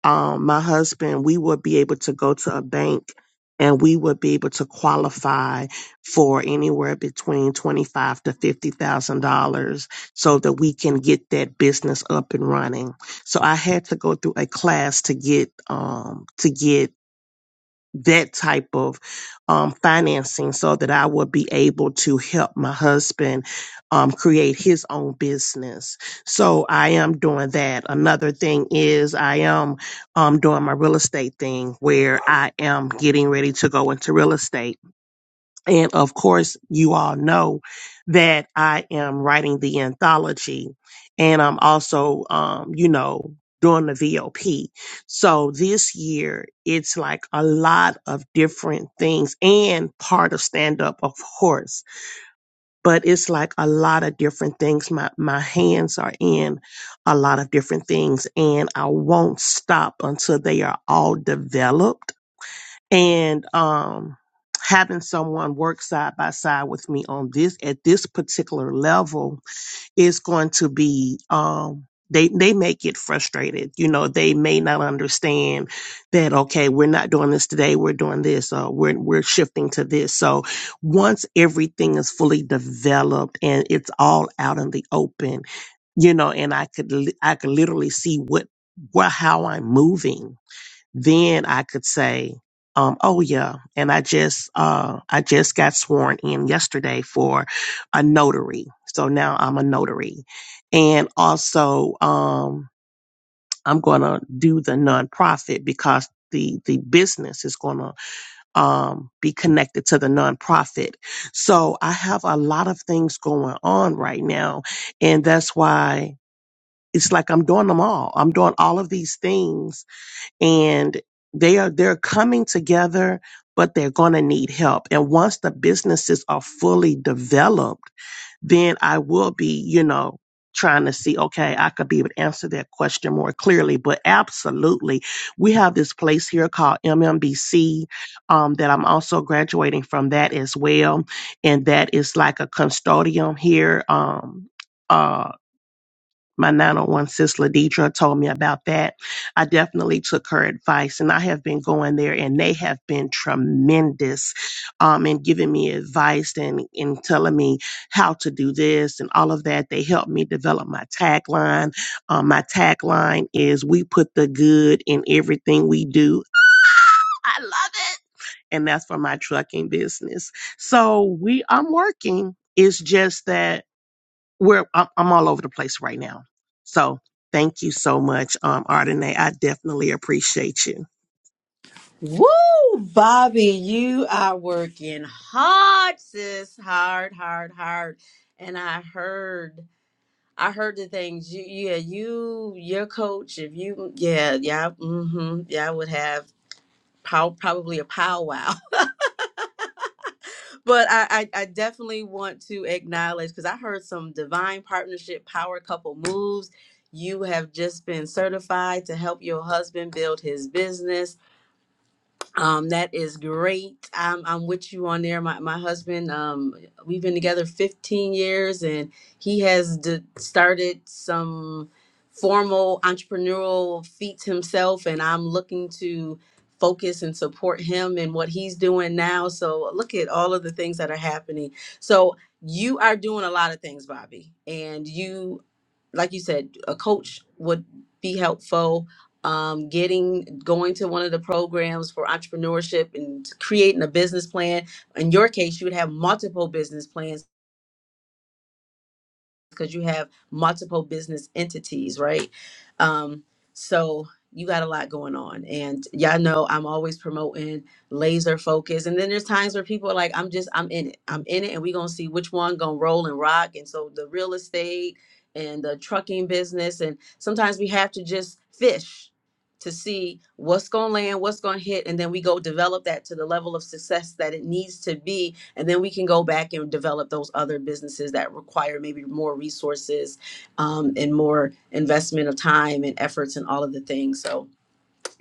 F: um, my husband, we would be able to go to a bank and we would be able to qualify for anywhere between twenty five to fifty thousand dollars so that we can get that business up and running. So I had to go through a class to get um to get that type of um, financing so that I would be able to help my husband um, create his own business. So I am doing that. Another thing is I am um, doing my real estate thing where I am getting ready to go into real estate. And of course, you all know that I am writing the anthology and I'm also, um, you know, doing the VOP. So this year it's like a lot of different things and part of stand up, of course, but it's like a lot of different things. My, my hands are in a lot of different things and I won't stop until they are all developed and um having someone work side by side with me on this at this particular level is going to be um they they may get frustrated you know they may not understand that okay we're not doing this today we're doing this uh, we're we're shifting to this so once everything is fully developed and it's all out in the open you know and i could li- i could literally see what where how i'm moving then I could say, um, oh yeah, and I just uh, I just got sworn in yesterday for a notary, so now I'm a notary, and also um, I'm gonna do the nonprofit because. The, the business is going to um, be connected to the nonprofit. So I have a lot of things going on right now. And that's why it's like I'm doing them all. I'm doing all of these things and they are they're coming together but they're going to need help and once the businesses are fully developed then i will be you know trying to see okay i could be able to answer that question more clearly but absolutely we have this place here called mmbc um, that i'm also graduating from that as well and that is like a custodium here um, uh, my 901 sis Ladidra told me about that. I definitely took her advice and I have been going there and they have been tremendous um, in giving me advice and in telling me how to do this and all of that. They helped me develop my tagline. Um, my tagline is we put the good in everything we do. I love it. And that's for my trucking business. So we I'm working. It's just that we're I'm, I'm all over the place right now. So thank you so much, um, Ardenae. I definitely appreciate you.
A: Woo, Bobby, you are working hard, sis. Hard, hard, hard. And I heard, I heard the things. You, yeah, you, your coach. If you, yeah, yeah, mm-hmm, yeah, I would have pow, probably a powwow. but I, I, I definitely want to acknowledge because I heard some divine partnership power couple moves. You have just been certified to help your husband build his business Um, that is great. I'm I'm with you on there. My my husband, um, we've been together 15 years, and he has d- started some formal entrepreneurial feats himself, and I'm looking to focus and support him in what he's doing now. So look at all of the things that are happening. So you are doing a lot of things, Bobby, and you like you said, a coach would be helpful. Um, getting going to one of the programs for entrepreneurship and creating a business plan. In your case, you would have multiple business plans because you have multiple business entities, right? Um, so you got a lot going on. And y'all know I'm always promoting laser focus. And then there's times where people are like, I'm just, I'm in it. I'm in it. And we're going to see which one going to roll and rock. And so the real estate and the trucking business. And sometimes we have to just fish to see what's going to land, what's going to hit. And then we go develop that to the level of success that it needs to be and then we can go back and develop those other businesses that require maybe more resources um, and more investment of time and efforts and all of the things so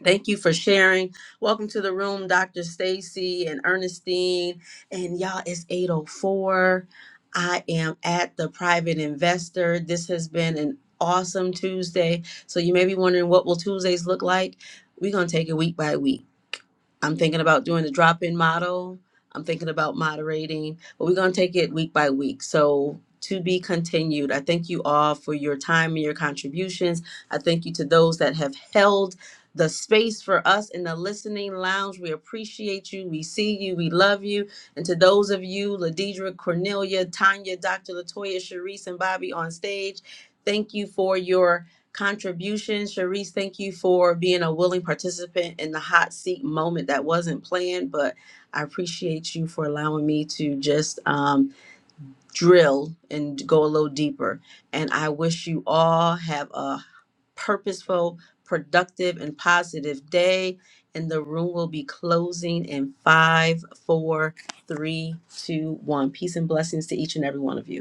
A: Thank you for sharing. Welcome to the room, Dr. Stacy and Ernestine. And y'all, it's 804. I am at the private investor. This has been an awesome Tuesday. So you may be wondering what will Tuesdays look like? We're gonna take it week by week. I'm thinking about doing the drop in model. I'm thinking about moderating, but we're going to take it week by week. So, to be continued, I thank you all for your time and your contributions. I thank you to those that have held the space for us in the listening lounge. We appreciate you. We see you. We love you. And to those of you, Ladidra, Cornelia, Tanya, Dr. Latoya, Sharice, and Bobby on stage, thank you for your contribution. Sharice, thank you for being a willing participant in the hot seat moment that wasn't planned, but I appreciate you for allowing me to just um, drill and go a little deeper. And I wish you all have a purposeful, productive, and positive day. And the room will be closing in five, four, three, two, one. Peace and blessings to each and every one of you.